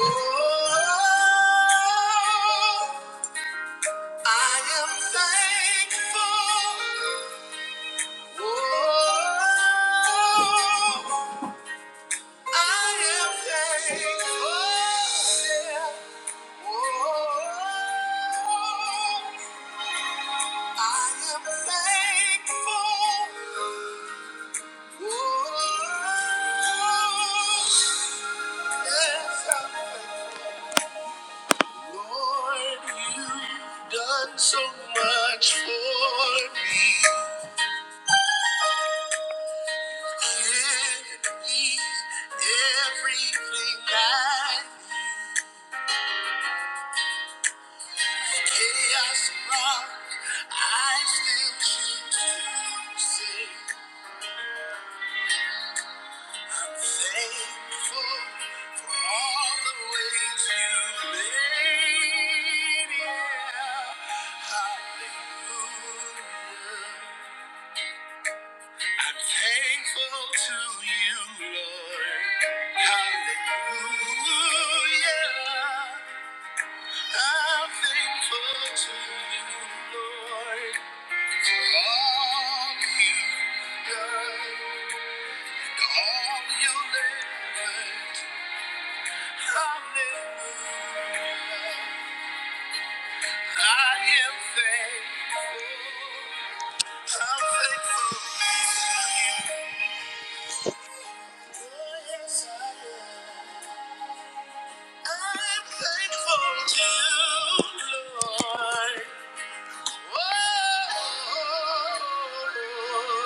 Oh, I am thankful. Oh, I am thankful. Oh, I am thankful. Oh, yes, I'm thankful. Lord, you've done so much for me. Give me everything I need. chaos rock. I still choose to sing. I'm thankful for all the ways you made. Yeah. Hallelujah. I'm thankful to you, Lord. Hallelujah. I'm thankful to you, Lord, for all you've done and all you'll ever do. Hallelujah. I am thankful. I'm thankful to you. Oh, yes, I am. I'm thankful to you, Lord. Oh,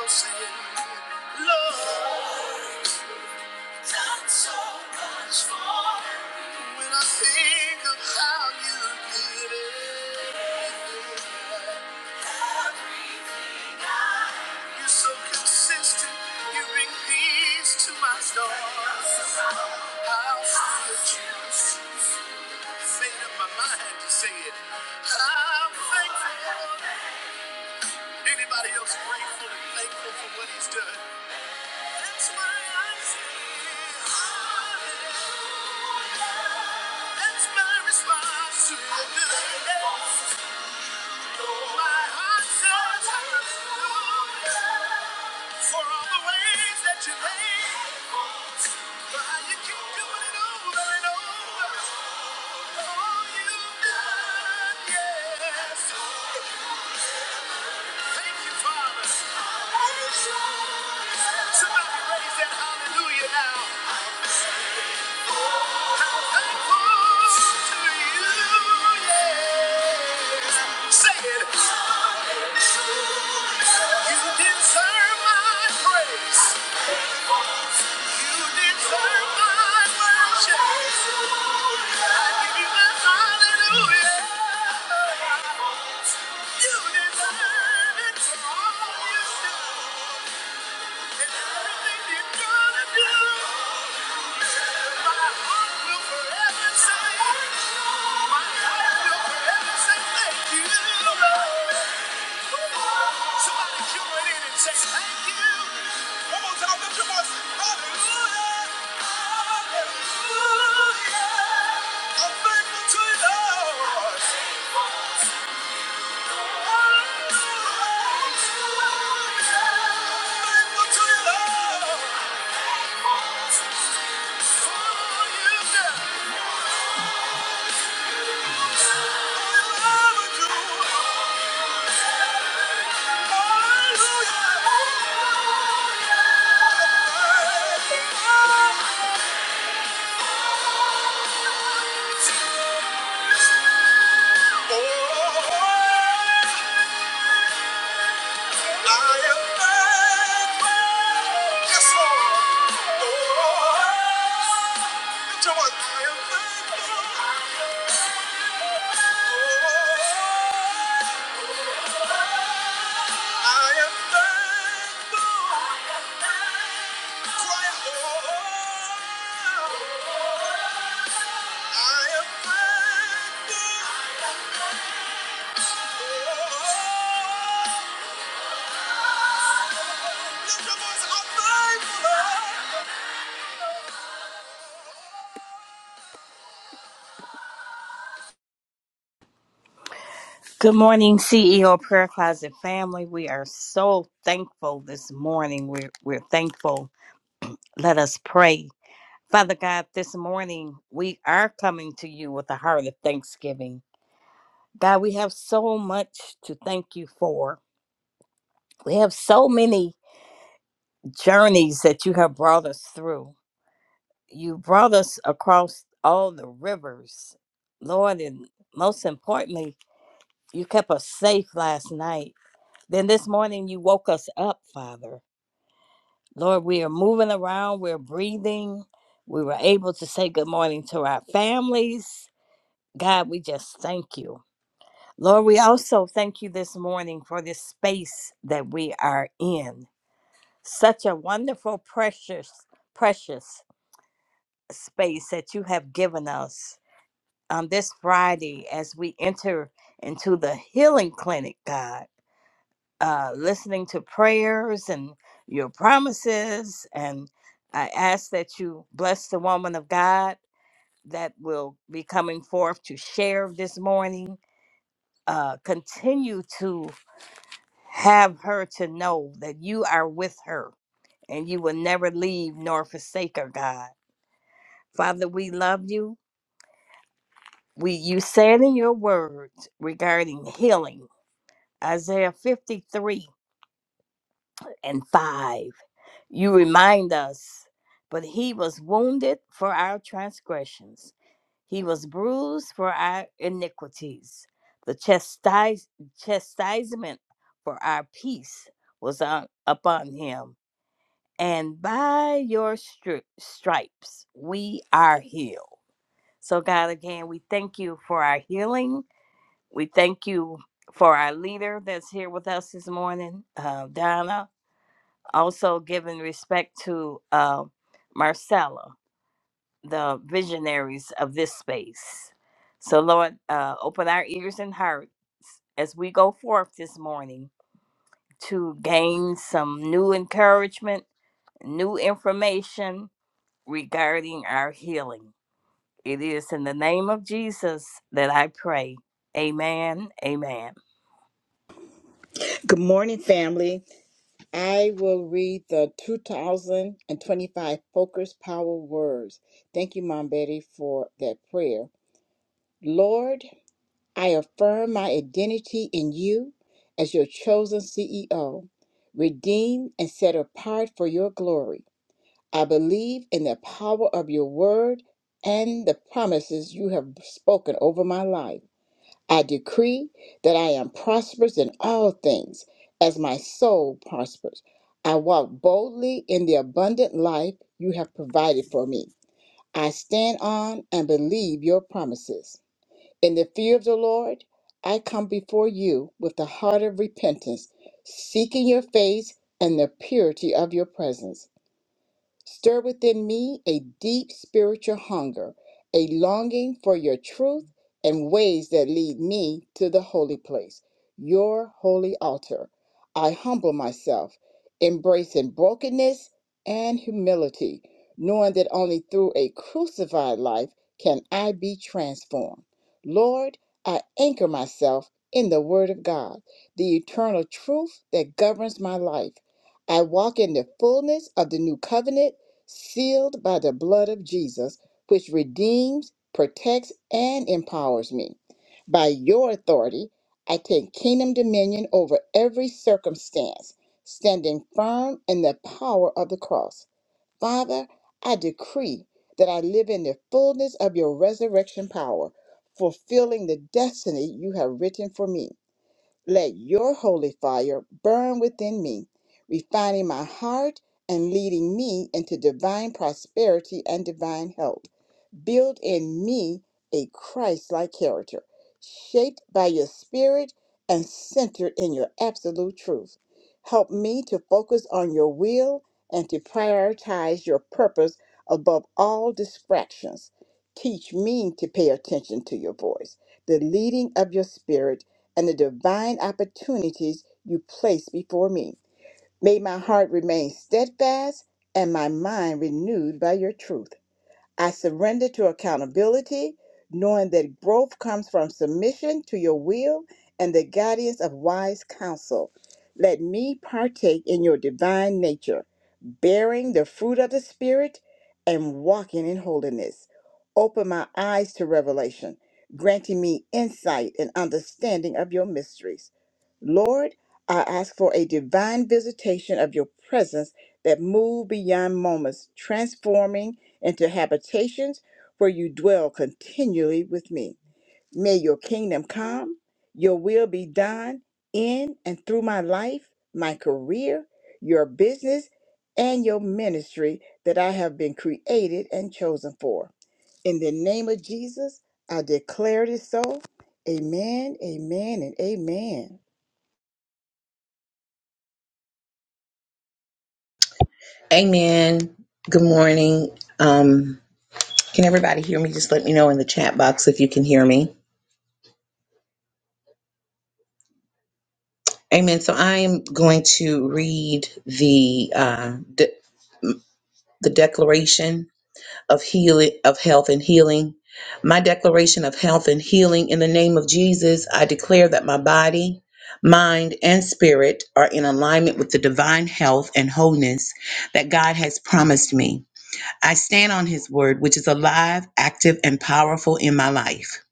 say, Lord, when I think of how you did it, you're so consistent. You bring peace to my storms. I'll still choose. Made up my mind to say it. I'm thankful. Anybody else grateful and thankful for what he's done? That's my answer. That's my response to your goodness. My heart says, Lord, for all the ways that you made. For how you keep doing it over and over. All you've done, yes. Thank you, Father. Somebody raise that hallelujah now. to you, Yeah. Hallelujah. Lift your voice, I'm thankful. Good morning, CEO Prayer Closet family. We are so thankful this morning. We're, we're thankful. Let us pray. Father God, this morning we are coming to you with a heart of thanksgiving. God, we have so much to thank you for. We have so many journeys that you have brought us through. You brought us across all the rivers, Lord, and most importantly, you kept us safe last night. Then this morning you woke us up, Father Lord, we are moving around, we're breathing. We were able to say good morning to our families. God, we just thank you. Lord, we also thank you this morning for this space that we are in. Such a wonderful, precious, precious space that you have given us on this Friday as we enter into the healing clinic, God. uh, listening to prayers and your promises. And I ask that you bless the woman of God that will be coming forth to share this morning. Uh, continue to have her to know that you are with her and you will never leave nor forsake her, God. Father, we love you. We, you said in your words regarding healing, Isaiah 53 and 5. You remind us, but he was wounded for our transgressions, he was bruised for our iniquities. The chastis- chastisement for our peace was on, upon him, and by your stri- stripes we are healed. So, God, again, we thank you for our healing. We thank you for our leader that's here with us this morning, uh, Donna also giving respect to uh, Marcella, the visionaries of this space. So, Lord, uh, open our ears and hearts as we go forth this morning to gain some new encouragement, new information regarding our healing. It is in the name of Jesus that I pray. Amen. Amen. Good morning, family. I will read the 2025 Focus Power Words. Thank you, Mom Betty, for that prayer. Lord, I affirm my identity in you as your chosen CEO, redeemed and set apart for your glory. I believe in the power of your word and the promises you have spoken over my life. I decree that I am prosperous in all things as my soul prospers. I walk boldly in the abundant life you have provided for me. I stand on and believe your promises. In the fear of the Lord, I come before you with a heart of repentance, seeking your face and the purity of your presence. Stir within me a deep spiritual hunger, a longing for your truth and ways that lead me to the holy place, your holy altar. I humble myself, embracing brokenness and humility, knowing that only through a crucified life can I be transformed. Lord, I anchor myself in the Word of God, the eternal truth that governs my life. I walk in the fullness of the new covenant sealed by the blood of Jesus, which redeems, protects, and empowers me. By your authority, I take kingdom dominion over every circumstance, standing firm in the power of the cross. Father, I decree that I live in the fullness of your resurrection power, fulfilling the destiny you have written for me. Let your holy fire burn within me, refining my heart and leading me into divine prosperity and divine health. Build in me a Christ like character, shaped by your spirit and centered in your absolute truth. Help me to focus on your will and to prioritize your purpose above all distractions. Teach me to pay attention to your voice, the leading of your spirit, and the divine opportunities you place before me. May my heart remain steadfast and my mind renewed by your truth. I surrender to accountability, knowing that growth comes from submission to your will and the guidance of wise counsel. Let me partake in your divine nature, bearing the fruit of the Spirit and walking in holiness. Open my eyes to revelation, granting me insight and understanding of your mysteries. Lord, I ask for a divine visitation of your presence that move beyond moments, transforming into habitations where you dwell continually with me. May your kingdom come, your will be done in and through my life, my career, your business, and your ministry that I have been created and chosen for. In the name of Jesus, I declare it so. Amen, amen, and amen. Amen. Good morning. Um, can everybody hear me? Just let me know in the chat box if you can hear me. Amen. So I am going to read the uh, de- the Declaration of Healing of Health and Healing. My declaration of health and healing in the name of Jesus. I declare that my body, mind, and spirit are in alignment with the divine health and wholeness that God has promised me. I stand on his word, which is alive, active, and powerful in my life.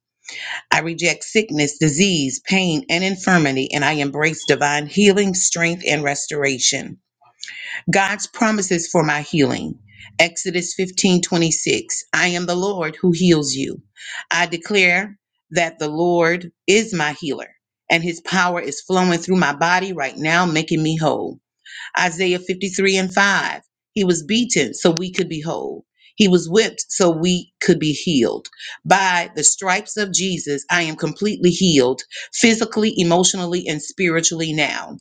I reject sickness, disease, pain, and infirmity, and I embrace divine healing, strength, and restoration. God's promises for my healing. Exodus 15 26. I am the Lord who heals you. I declare that the Lord is my healer, and his power is flowing through my body right now, making me whole. Isaiah 53 and 5. He was beaten so we could be whole. He was whipped so we could be healed. By the stripes of Jesus, I am completely healed physically, emotionally, and spiritually now.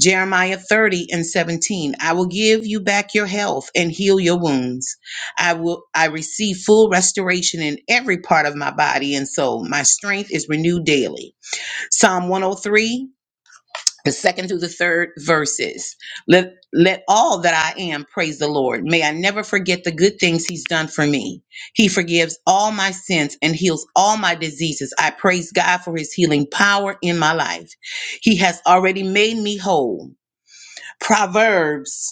Jeremiah 30 and 17. I will give you back your health and heal your wounds. I will I receive full restoration in every part of my body and soul. My strength is renewed daily. Psalm 103 the second through the third verses. Let let all that I am praise the Lord. May I never forget the good things he's done for me. He forgives all my sins and heals all my diseases. I praise God for his healing power in my life. He has already made me whole. Proverbs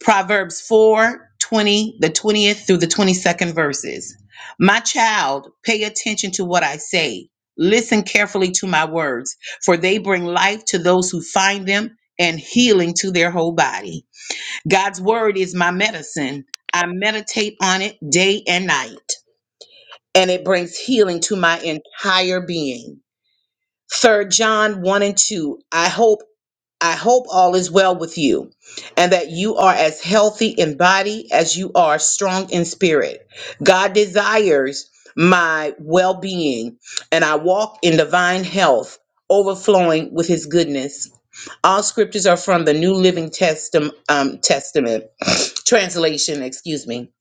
Proverbs 4 20, the 20th through the 22nd verses. My child, pay attention to what I say. Listen carefully to my words, for they bring life to those who find them and healing to their whole body. God's word is my medicine. I meditate on it day and night, and it brings healing to my entire being. Third John 1 and 2. I hope I hope all is well with you and that you are as healthy in body as you are strong in spirit. God desires my well being, and I walk in divine health, overflowing with his goodness. All scriptures are from the New Living Testam- um, Testament translation, excuse me.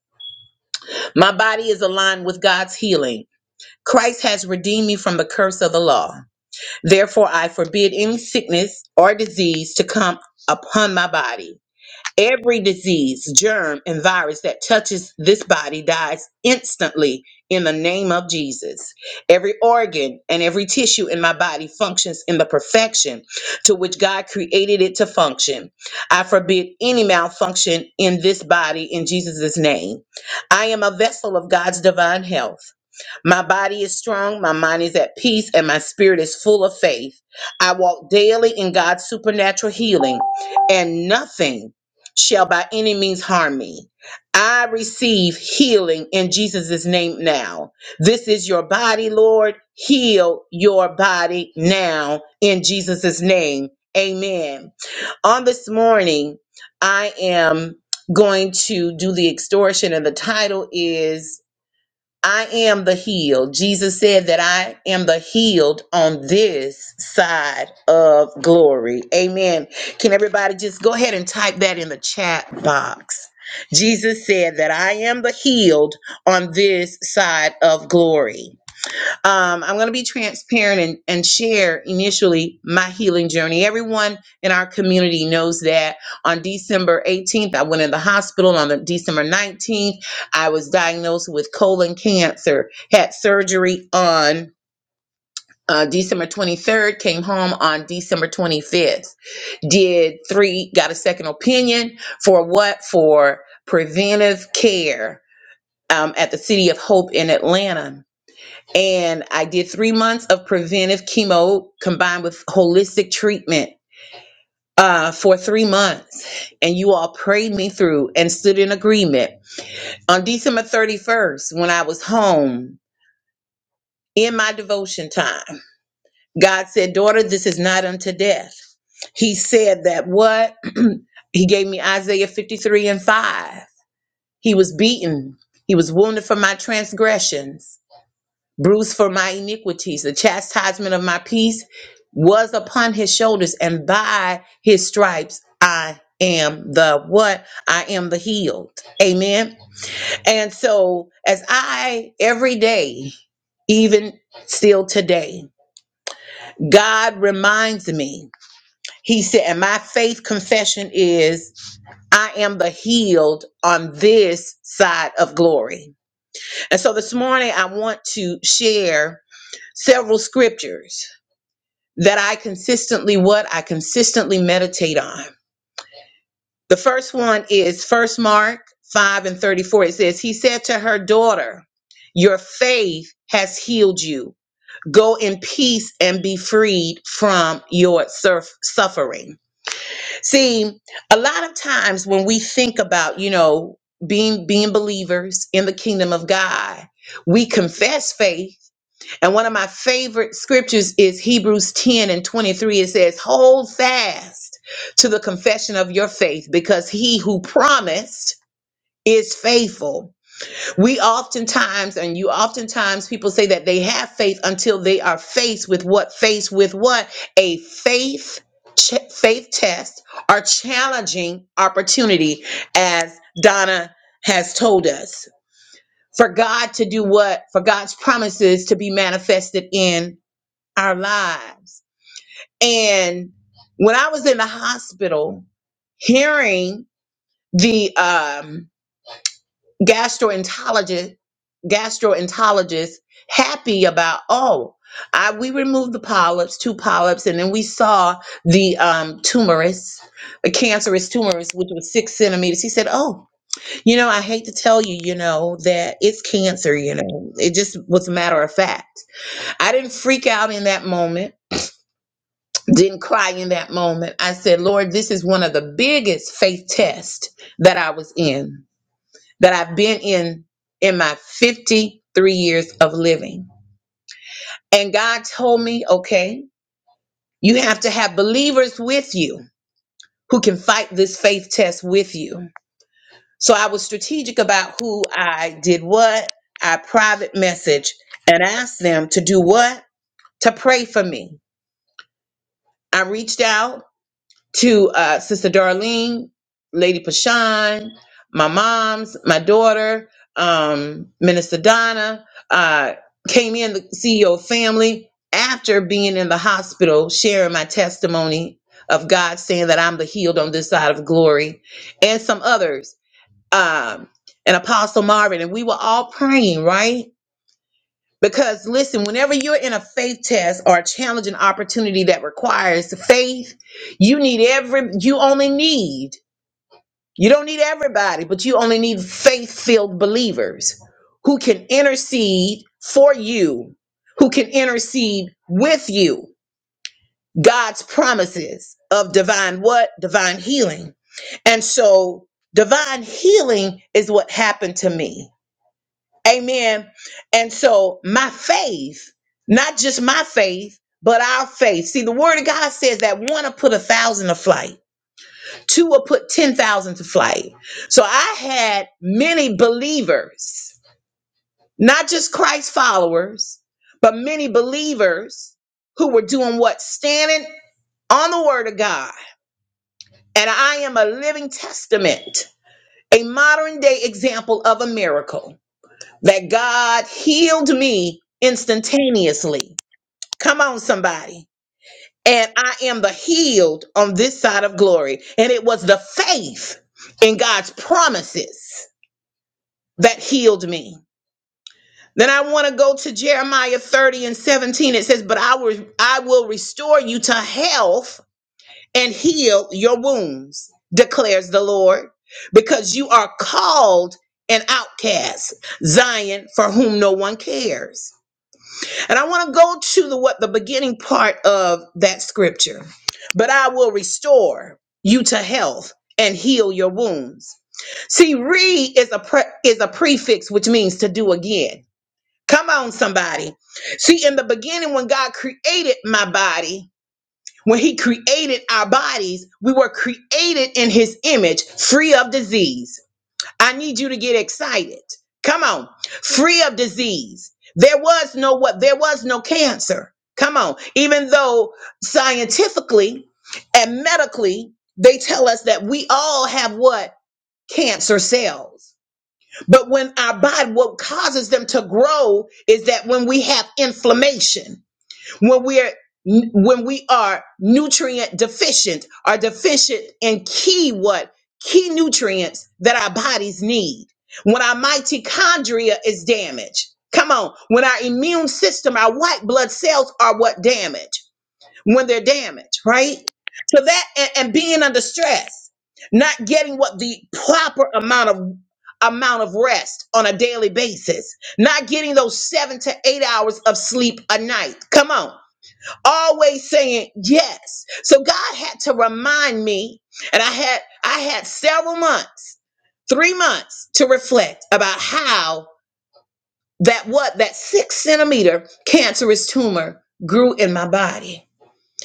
My body is aligned with God's healing. Christ has redeemed me from the curse of the law. Therefore, I forbid any sickness or disease to come upon my body. Every disease, germ, and virus that touches this body dies instantly in the name of Jesus. Every organ and every tissue in my body functions in the perfection to which God created it to function. I forbid any malfunction in this body in Jesus' name. I am a vessel of God's divine health. My body is strong, my mind is at peace, and my spirit is full of faith. I walk daily in God's supernatural healing, and nothing shall by any means harm me. I receive healing in Jesus' name now. This is your body, Lord. Heal your body now in Jesus' name. Amen on this morning, I am going to do the extortion, and the title is I am the healed. Jesus said that I am the healed on this side of glory. Amen. Can everybody just go ahead and type that in the chat box? Jesus said that I am the healed on this side of glory um, I'm going to be transparent and, and share initially my healing journey. Everyone in our community knows that on December 18th, I went in the hospital. On the December 19th, I was diagnosed with colon cancer, had surgery on uh, December 23rd, came home on December 25th, did three, got a second opinion for what? For preventive care um, at the City of Hope in Atlanta and I did three months of preventive chemo combined with holistic treatment uh, for three months. And you all prayed me through and stood in agreement. On December 31st, when I was home in my devotion time, God said, Daughter, this is not unto death. He said that what? he gave me Isaiah 53 and 5. He was beaten, he was wounded for my transgressions bruised for my iniquities. The chastisement of my peace was upon his shoulders, and by his stripes I am the what? I am the healed. Amen. And so, as I every day, even still today, God reminds me, He said, and my faith confession is I am the healed on this side of glory. And so this morning, I want to share several scriptures that I consistently what I consistently meditate on. The first one is first Mark 5 and 34. It says, He said to her daughter, Your faith has healed you. Go in peace and be freed from your surf- suffering. See, a lot of times when we think about, you know, being being believers in the kingdom of God, we confess faith and one of my favorite scriptures is Hebrews 10 and 23. It says, Hold fast to the confession of your faith because he who promised is faithful. We oftentimes, and you oftentimes, people say that they have faith until they are faced with what? Faced with what? A faith. ch- Faith test or challenging opportunity, as Donna has told us, for God to do what? For God's promises to be manifested in our lives. And when I was in the hospital, hearing the um, gastroenterologist gastroenterologist happy about oh I, we removed the polyps two polyps and then we saw the um, tumorous a cancerous tumorous which was six centimeters he said oh you know i hate to tell you you know that it's cancer you know it just was a matter of fact i didn't freak out in that moment didn't cry in that moment. I said, Lord, this is one of the biggest faith tests that I was in, that I've been in in my 53 years of living. And God told me, okay, you have to have believers with you who can fight this faith test with you. So I was strategic about who I did what. I private message and asked them to do what? To pray for me. I reached out to uh, Sister Darlene, Lady Pashan, my mom's, my daughter, um, Minister Donna, uh, came in the CEO of family after being in the hospital, sharing my testimony of God saying that I'm the healed on this side of glory, and some others, um, and Apostle Marvin, and we were all praying, right? Because listen, whenever you're in a faith test or a challenging opportunity that requires faith, you need every you only need you don't need everybody, but you only need faith-filled believers who can intercede for you, who can intercede with you. God's promises of divine what? Divine healing. And so divine healing is what happened to me. Amen. And so my faith, not just my faith, but our faith. See, the word of God says that one will put a thousand to flight, two will put 10,000 to flight. So I had many believers, not just Christ followers, but many believers who were doing what? Standing on the word of God. And I am a living testament, a modern day example of a miracle. that God healed me instantaneously. Come on, somebody. And I am the healed on this side of glory. And it was the faith in God's promises that healed me. Then I want to go to Jeremiah 30 and 17. It says, But I will, I will restore you to health and heal your wounds, declares the Lord, because you are called an outcast, Zion, for whom no one cares. And I want to go to the what the beginning part of that scripture. But I will restore you to health and heal your wounds. See, re is a pre, is a prefix which means to do again. Come on somebody. See, in the beginning when God created my body, when he created our bodies, we were created in his image, free of disease. I need you to get excited. Come on. Free of disease. There was no what there was no cancer. Come on. Even though scientifically and medically they tell us that we all have what cancer cells. But when our body what causes them to grow is that when we have inflammation when we are when we are nutrient deficient are deficient in key what key nutrients that our bodies need when our mitochondria is damaged come on when our immune system our white blood cells are what damaged when they're damaged right so that and, and being under stress not getting what the proper amount of amount of rest on a daily basis not getting those seven to eight hours of sleep a night come on always saying yes. So God had to remind me, and I had I had several months, three months to reflect about how that what that six centimeter cancerous tumor grew in my body.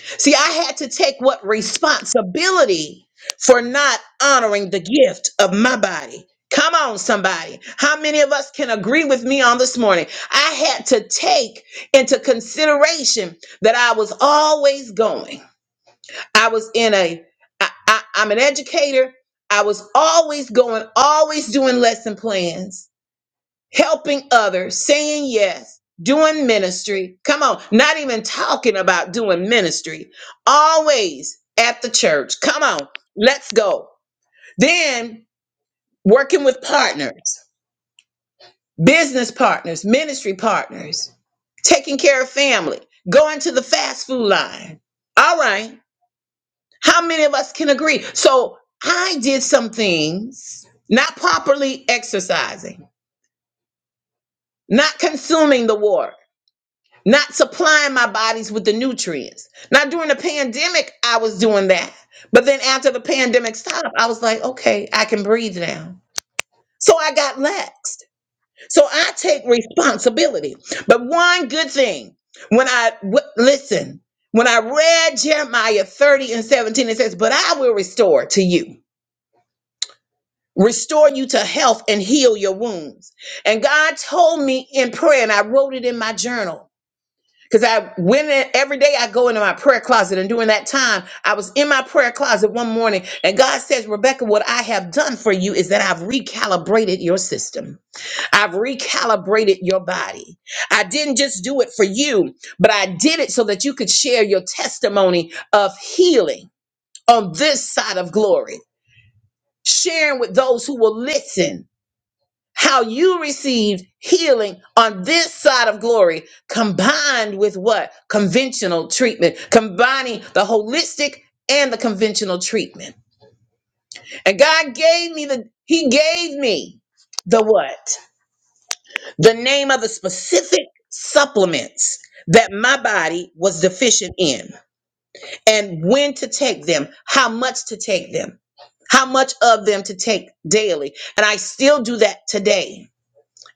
See, I had to take what responsibility for not honoring the gift of my body. Come on, somebody. How many of us can agree with me on this morning? I had to take into consideration that I was always going. I was in a, I, I, I'm an educator. I was always going, always doing lesson plans, helping others, saying yes, doing ministry. Come on, not even talking about doing ministry. Always at the church. Come on, let's go. Then working with partners, business partners, ministry partners, taking care of family, going to the fast food line. All right. How many of us can agree? So I did some things, not properly exercising, not consuming the water, not supplying my bodies with the nutrients. Now, during the pandemic, I was doing that. But then after the pandemic stopped, I was like, okay, I can breathe now. So I got laxed. So I take responsibility. But one good thing, when I w- listen, when I read Jeremiah 30 and 17, it says, But I will restore to you. restore you to health and heal your wounds. And God told me in prayer, and I wrote it in my journal. Because I went in every day, I go into my prayer closet. And during that time, I was in my prayer closet one morning, and God says, Rebecca, what I have done for you is that I've recalibrated your system. I've recalibrated your body. I didn't just do it for you, but I did it so that you could share your testimony of healing on this side of glory, sharing with those who will listen how you received healing on this side of glory, combined with what? Conventional treatment, combining the holistic and the conventional treatment. And God gave me the, He gave me the what? The name of the specific supplements that my body was deficient in, and when to take them, how much to take them. How much of them to take daily. And I still do that today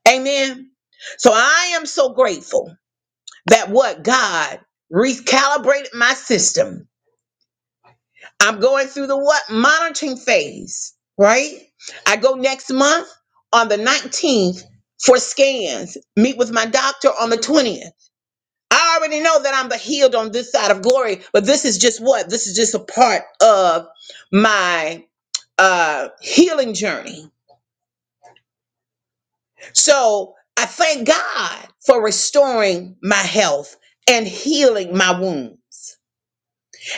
Amen. So I am so grateful that what God recalibrated my system. I'm going through the what monitoring phase, right? I go next month on the 19th for scans, meet with my doctor on the 20th. I already know that I'm the healed on this side of glory, but this is just what? This is just a part of my uh healing journey So I thank God for restoring my health and healing my wounds.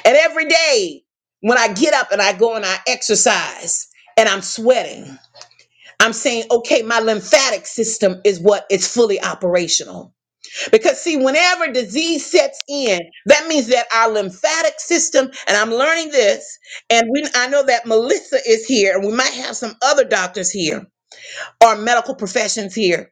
And every day when I get up and I go and I exercise and I'm sweating, I'm saying, okay, my lymphatic system is what is fully operational. Because see, whenever disease sets in, that means that our lymphatic system, and I'm learning this, and we I know that Melissa is here, and we might have some other doctors here or medical professions here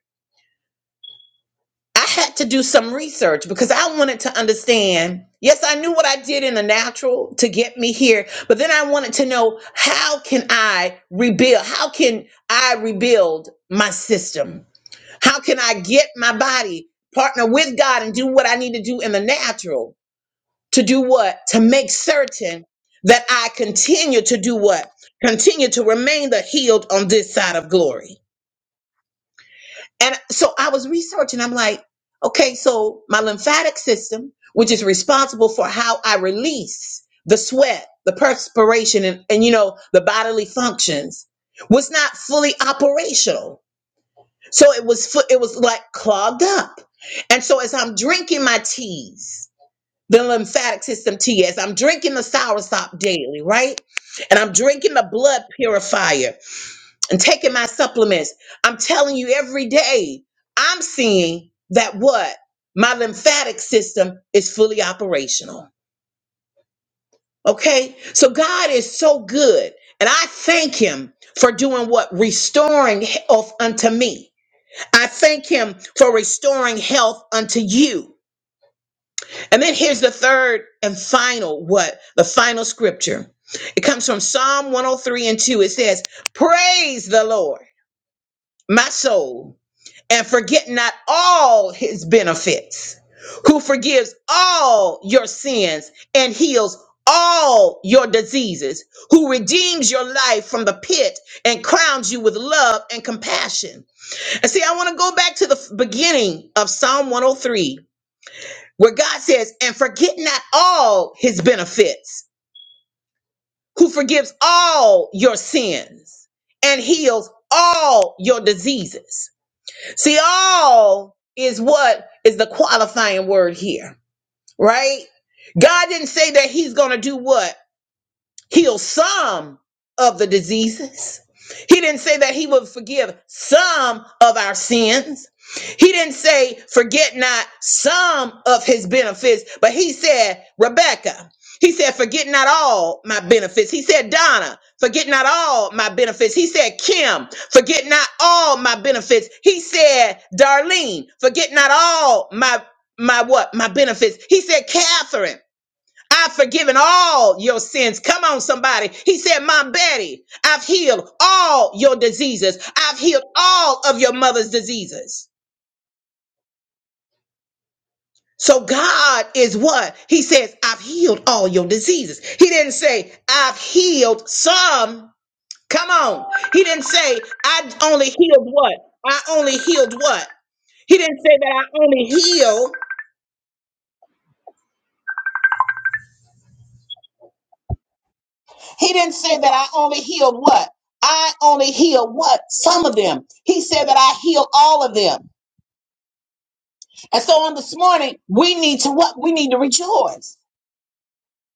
I had to do some research because I wanted to understand. Yes, I knew what I did in the natural to get me here, but then I wanted to know how can I rebuild? How can I rebuild my system? How can I get my body partner with God and do what I need to do in the natural to do what? To make certain that I continue to do what? Continue to remain the healed on this side of glory. And so I was researching. I'm like, okay, so my lymphatic system, which is responsible for how I release the sweat, the perspiration, and, and you know, the bodily functions, was not fully operational. So it was fu- it was like clogged up. And so as I'm drinking my teas, the lymphatic system tea, as I'm drinking the soursop daily, right? And I'm drinking the blood purifier and taking my supplements. I'm telling you, every day I'm seeing that what my lymphatic system is fully operational. Okay. So God is so good. And I thank him for doing what? Restoring health unto me. I thank him for restoring health unto you. And then here's the third and final what? The final scripture. It comes from Psalm 103 and 2. It says, Praise the Lord, my soul and forget not all his benefits, who forgives all your sins and heals all your diseases, who redeems your life from the pit and crowns you with love and compassion. And see, I want to go back to the f- beginning of Psalm 103, where God says, And forget not all his benefits, who forgives all your sins and heals all your diseases See, all is what is the qualifying word here, right? God didn't say that he's going to do what? heal some of the diseases. He didn't say that he would forgive some of our sins. He didn't say, forget not some of his benefits, but he said, Rebecca, he said, forget not all my benefits. He said, Donna, forget not all my benefits. He said, Kim, forget not all my benefits. He said, Darlene, forget not all my, my what? My benefits. He said, Catherine, I've forgiven all your sins. Come on, somebody. He said, My Betty, I've healed all your diseases. I've healed all of your mother's diseases. So God is what? He says, I've healed all your diseases. He didn't say, I've healed some. Come on. He didn't say, I only healed what? I only healed what? He didn't say that I only heal. He didn't say that I only healed what? I only heal what? Some of them. He said that I heal all of them. And so on this morning, we need to what? We need to rejoice.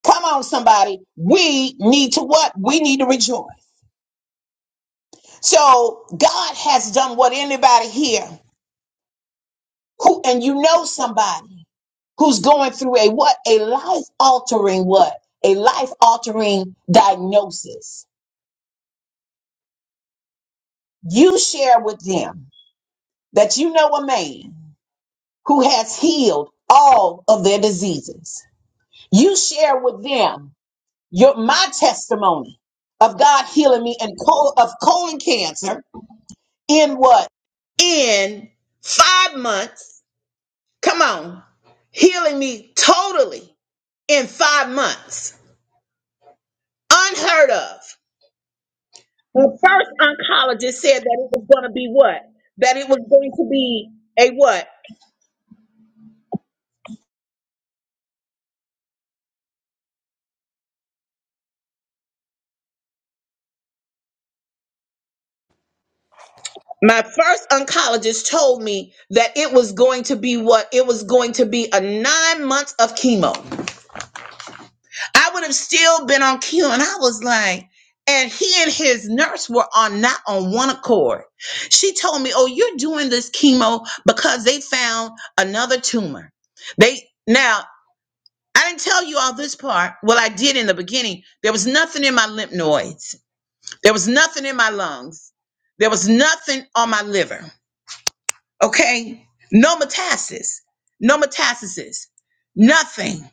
Come on, somebody. We need to what? We need to rejoice. So God has done what anybody here who, and you know somebody who's going through a what? A life altering what? A life altering diagnosis. You share with them that you know a man who has healed all of their diseases. You share with them your my testimony of God healing me and col- of colon cancer in what? In five months. Come on. Healing me totally in five months. Unheard of. The first oncologist said that it was going to be what? That it was going to be a what? my first oncologist told me that it was going to be what it was going to be a nine months of chemo. I would have still been on chemo, and I was like, and he and his nurse were on not on one accord. She told me, "Oh, you're doing this chemo because they found another tumor." They now I didn't tell you all this part. Well, I did in the beginning. There was nothing in my lymph nodes. There was nothing in my lungs. There was nothing on my liver. okay? No metastasis, no metastasis, nothing.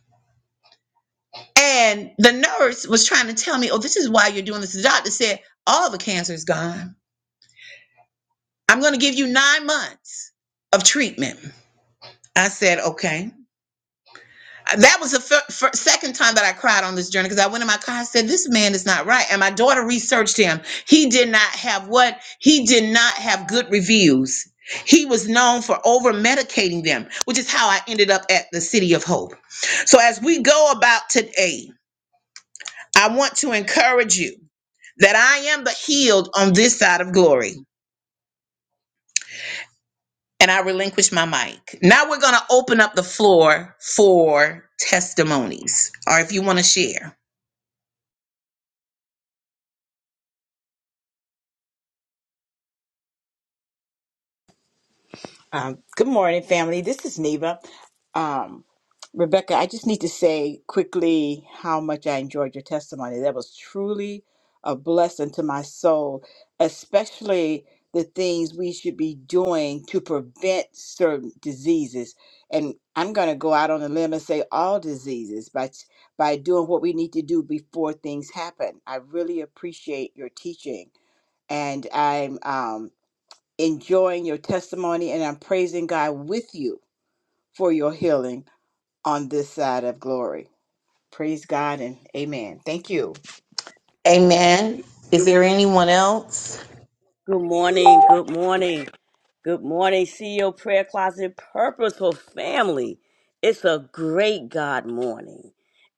And the nurse was trying to tell me, oh, this is why you're doing this. The doctor said, all the cancer is gone. I'm going to give you nine months of treatment. I said, okay. that was the fir- fir- second time that I cried on this journey because I went in my car. and said, "This man is not right." And my daughter researched him. He did not have what he did not have good reviews. He was known for over medicating them, which is how I ended up at the City of Hope. So as we go about today, I want to encourage you that I am the healed on this side of glory. And I relinquish my mic. Now we're going to open up the floor for testimonies or if you want to share. Um, good morning, family. This is Neva. Um, Rebecca, I just need to say quickly how much I enjoyed your testimony. That was truly a blessing to my soul, especially the things we should be doing to prevent certain diseases. And I'm going to go out on a limb and say all diseases by, by doing what we need to do before things happen. I really appreciate your teaching. And I'm um, enjoying your testimony, and I'm praising God with you for your healing on this side of glory. Praise God and amen. Thank you. Amen. Is Good, there anyone else? good morning. Good morning. Good morning, CEO Prayer Closet Purposeful Family. It's a great God morning.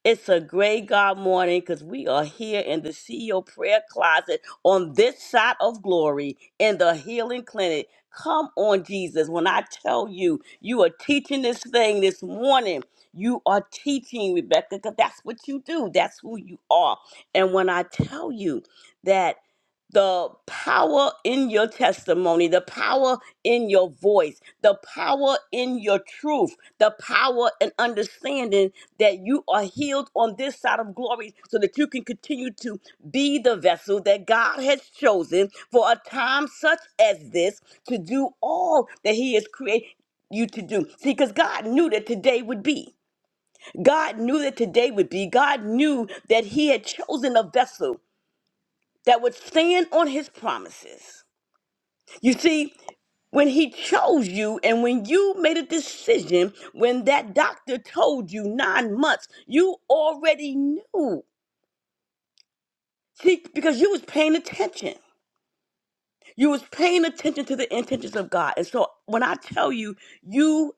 It's a great God morning because we are here in the CEO Prayer Closet on this side of glory in the healing clinic. Come on, Jesus. When I tell you, you are teaching this thing this morning. You are teaching, Rebecca, because that's what you do. That's who you are. And when I tell you that the power in your testimony, the power in your voice, the power in your truth, the power and understanding that you are healed on this side of glory so that you can continue to be the vessel that God has chosen for a time such as this to do all that He has created you to do. See, because God knew that today would be. God knew that today would be. God knew that He had chosen a vessel that would stand on His promises you see, when he chose you and when you made a decision, when that doctor told you nine months, you already knew. See, because you was paying attention. You was paying attention to the intentions of God. And so when I tell you, you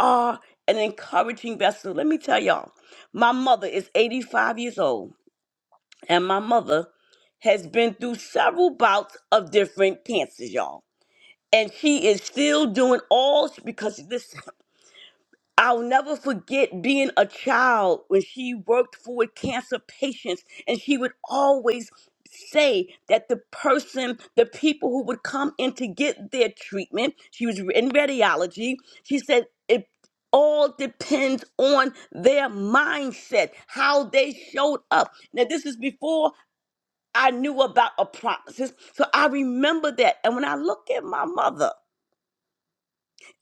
are an encouraging vessel. Let me tell y'all, my mother is 85 years old, and my mother has been through several bouts of different cancers, y'all. And she is still doing all because this. I'll never forget being a child when she worked for cancer patients, and she would always say that the person, the people who would come in to get their treatment, she was in radiology, she said it all depends on their mindset, how they showed up. Now, this is before I knew about a promises, so I remember that. And when I look at my mother,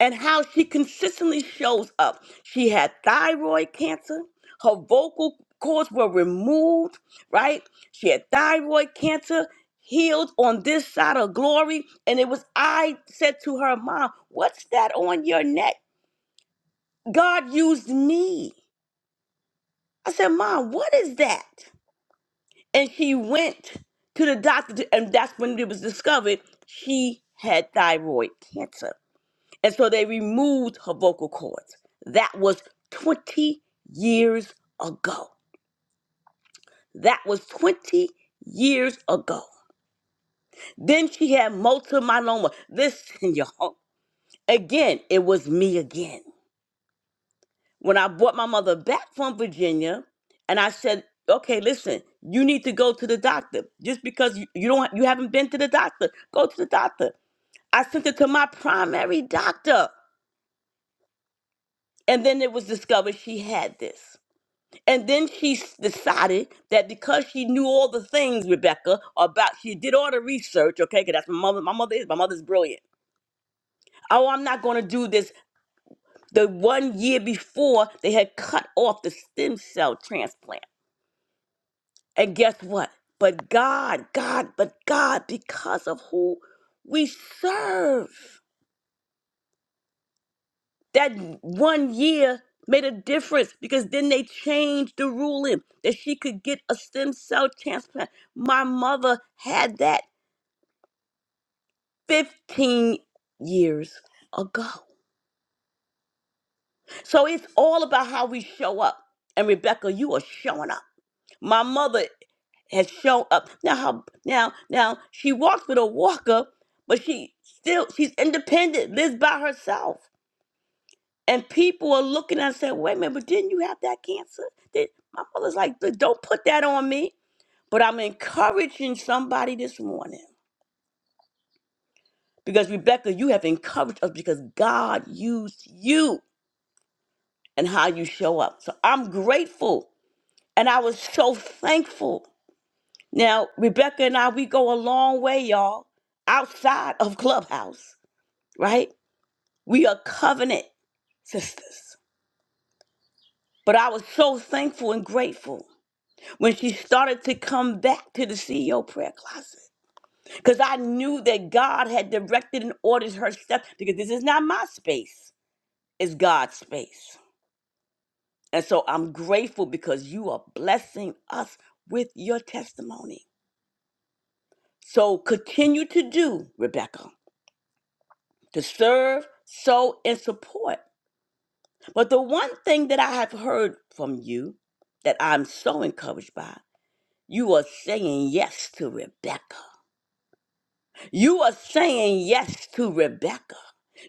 and how she consistently shows up. She had thyroid cancer, her vocal cords were removed, right? She had thyroid cancer healed on this side of glory. And it was I said to her, Mom, what's that on your neck? God used me. I said, Mom, what is that? And she went to the doctor, to- and that's when it was discovered she had thyroid cancer. And so they removed her vocal cords. That was 20 years ago. That was 20 years ago. Then she had multiple myeloma. Listen, y'all, again, it was me again. When I brought my mother back from Virginia, and I said, "Okay, listen, you need to go to the doctor. Just because you, you don't, you haven't been to the doctor, go to the doctor." I sent her to my primary doctor, and then it was discovered she had this. And then she s- decided that because she knew all the things, Rebecca, about she did all the research, okay, because that's my mother, my mother is my mother's brilliant. Oh, I'm not gonna do this. The one year before they had cut off the stem cell transplant. And guess what? But God, God, but God, because of who we serve. that one year made a difference because then they changed the ruling that she could get a stem cell transplant. My mother had that 15 years ago. So it's all about how we show up. And Rebecca, you are showing up. My mother has shown up. Now how now now she walks with a walker, but she still she's independent, lives by herself. And people are looking at us and saying, wait a minute, but didn't you have that cancer? Did, my mother's like, "Look, don't put that on me. But I'm encouraging somebody this morning because, Rebecca, you have encouraged us because God used you and how you show up. So I'm grateful and I was so thankful. Now, Rebecca and I, we go a long way, y'all, outside of Clubhouse, right? We are covenant sisters. But I was so thankful and grateful when she started to come back to the CEO prayer closet. Because I knew that God had directed and ordered her steps, because this is not my space, it's God's space. And so I'm grateful because you are blessing us with your testimony. So continue to do, Rebecca, to serve, sow, and support. But the one thing that I have heard from you that I'm so encouraged by, you are saying yes to Rebecca. You are saying yes to Rebecca.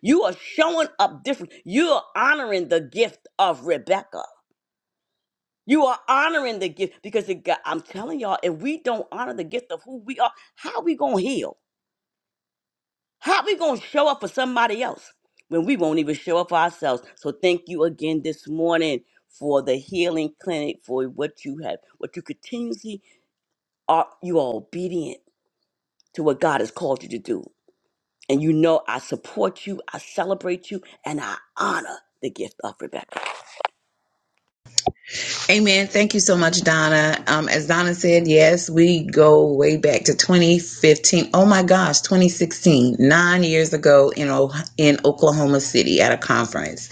You are showing up different. You are honoring the gift of Rebecca. You are honoring the gift because it got, I'm telling y'all, if we don't honor the gift of who we are, how we gonna heal? How we gonna show up for somebody else when we won't even show up for ourselves? So thank you again this morning for the healing clinic for what you have, what you continuously are. You are obedient to what God has called you to do. And you know, I support you, I celebrate you, and I honor the gift of Rebecca. Amen. Thank you so much, Donna. Um, as Donna said, yes, we go way back to 2015. Oh my gosh, 2016, nine years ago in o- in Oklahoma City at a conference,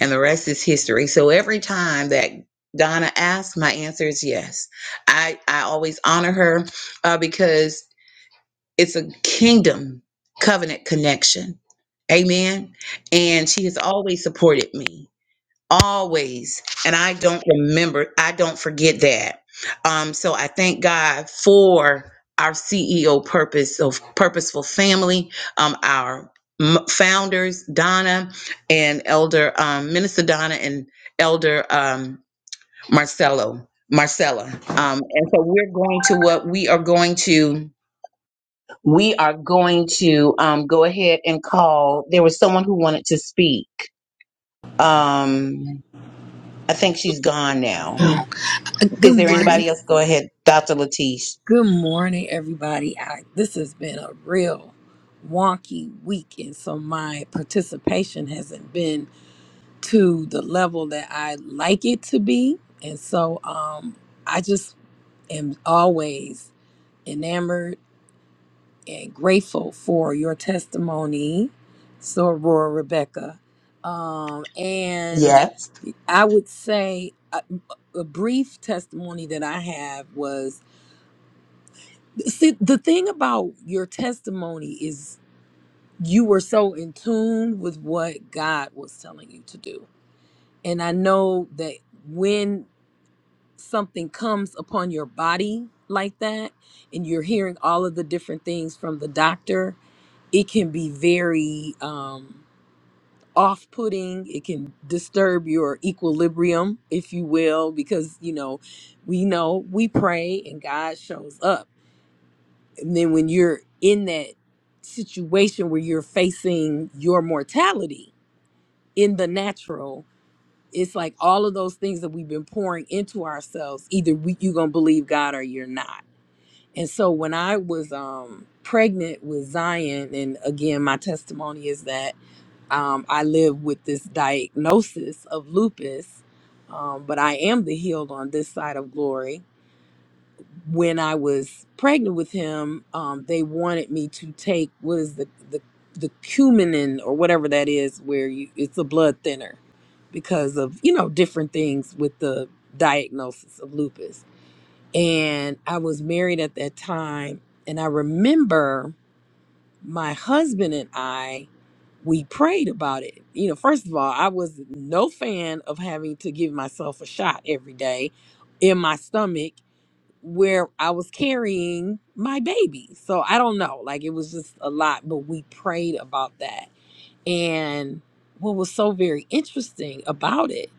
and the rest is history. So every time that Donna asks, my answer is yes. I I always honor her uh, because it's a kingdom covenant connection. Amen. And she has always supported me. always and i don't remember i don't forget that um so i thank god for our ceo purpose of purposeful family um our m- founders donna and elder um minister donna and elder um marcelo marcella um and so we're going to what we are going to we are going to um go ahead and call there was someone who wanted to speak um i think she's gone now Is Good there anybody morning. else? Go ahead, Dr. Latish. Good morning, everybody. I, this has been a real wonky week, and so my participation hasn't been to the level that I like it to be. And so um, I just am always enamored and grateful for your testimony, Soror Rebecca. Um, and Yes. I would say a, a brief testimony that I have was See, the thing about your testimony is you were so in tune with what God was telling you to do. And I know that when something comes upon your body like that, and you're hearing all of the different things from the doctor, it can be very um, off putting. It can disturb your equilibrium, if you will, because, you know, we know we pray and God shows up and then when you're in that situation where you're facing your mortality in the natural it's like all of those things that we've been pouring into ourselves either we, you're gonna believe god or you're not and so when i was um pregnant with zion and again my testimony is that um, i live with this diagnosis of lupus um, but i am the healed on this side of glory when I was pregnant with him, um, they wanted me to take what is the the the cumin or whatever that is, where you it's a blood thinner because of you know different things with the diagnosis of lupus. And I was married at that time, and I remember my husband and I we prayed about it. You know, first of all, I was no fan of having to give myself a shot every day in my stomach where I was carrying my baby. So I don't know. Like it was just a lot, but we prayed about that. And what was so very interesting about it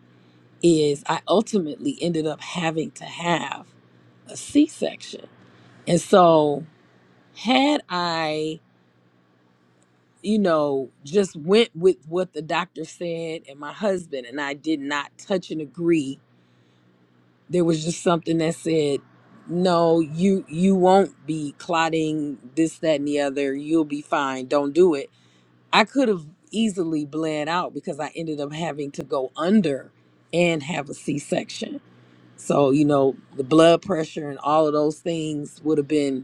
is I ultimately ended up having to have a C section. And so had I you know, just went with what the doctor said and my husband and I did not touch and agree there was just something that said no you you won't be clotting this that and the other you'll be fine don't do it i could have easily bled out because i ended up having to go under and have a c-section so you know the blood pressure and all of those things would have been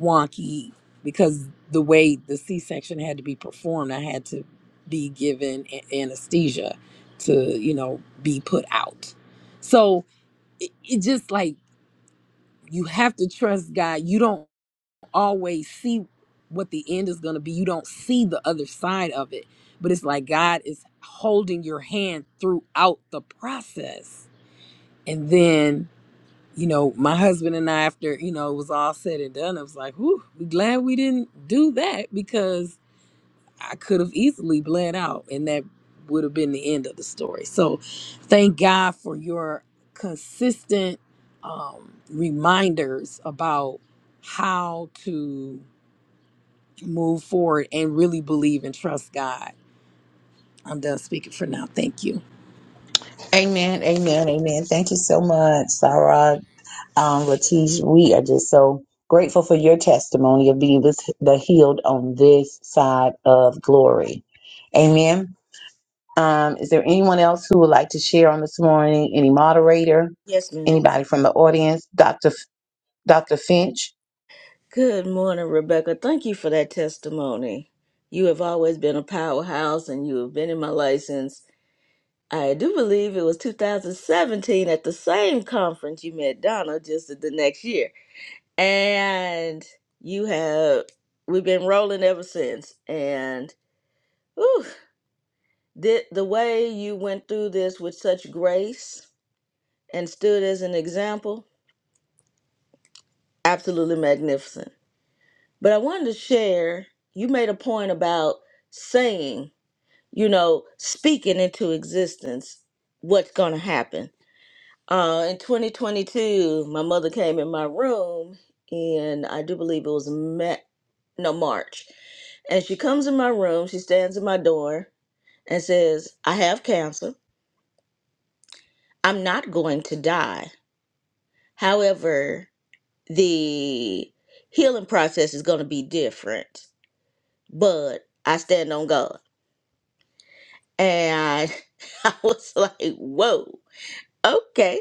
wonky because the way the c-section had to be performed i had to be given a- anesthesia to you know be put out so it, it just like you have to trust God. You don't always see what the end is going to be. You don't see the other side of it. But it's like God is holding your hand throughout the process. And then, you know, my husband and I, after, you know, it was all said and done, I was like, whew, we glad we didn't do that because I could have easily bled out, and that would have been the end of the story. So, thank God for your consistent um, reminders about how to move forward and really believe and trust God. I'm done speaking for now. Thank you. Amen. Amen. Amen. Thank you so much, Sarah. Um, Latish, we are just so grateful for your testimony of being this, the healed on this side of glory. Amen. Um, is there anyone else who would like to share on this morning? Any moderator? Yes, ma'am. Anybody from the audience? Dr. F- Dr. Finch? Good morning, Rebecca. Thank you for that testimony. You have always been a powerhouse and you have been in my license. I do believe it was 2017 at the same conference you met Donna just the next year. And you have, we've been rolling ever since. And whew, the, the way you went through this with such grace and stood as an example, absolutely magnificent. But I wanted to share, you made a point about saying, you know, speaking into existence what's going to happen. Uh, in 2022, my mother came in my room, and I do believe it was Ma- no March. And she comes in my room, she stands at my door and says, I have cancer. I'm not going to die. However, the healing process is going to be different, but I stand on God. And I was like, whoa, okay.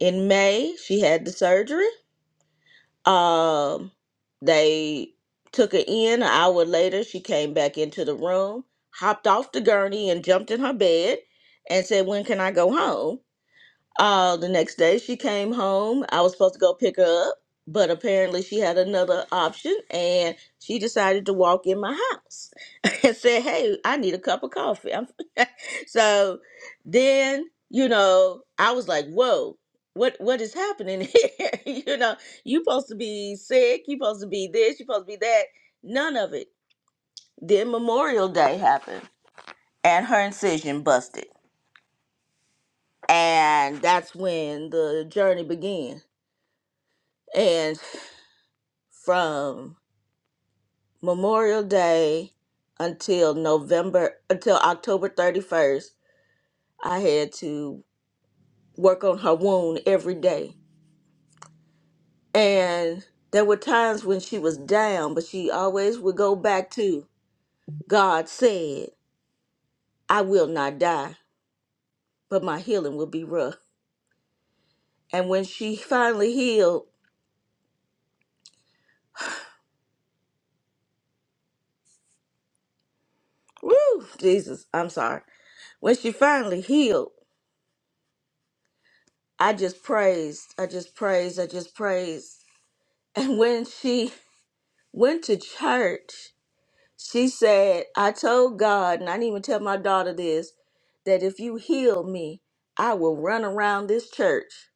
In May, she had the surgery. Um, they took her in. An hour later, she came back into the room, hopped off the gurney, and jumped in her bed and said, When can I go home? Uh, the next day she came home. I was supposed to go pick her up, but apparently she had another option and she decided to walk in my house and said, Hey, I need a cup of coffee. I'm- so then, you know, I was like, Whoa. What what is happening here? you know, you supposed to be sick, you supposed to be this, you supposed to be that. None of it. Then Memorial Day happened and her incision busted. And that's when the journey began and from Memorial Day until November until October 31st, I had to work on her wound every day. And there were times when she was down, but she always would go back to God said, I will not die, but my healing will be rough. And when she finally healed, woo, Jesus, I'm sorry. When she finally healed, I just praised, I just praised, I just praised. And when she went to church. She said, I told God, and I didn't even tell my daughter this, that if you heal me, I will run around this church.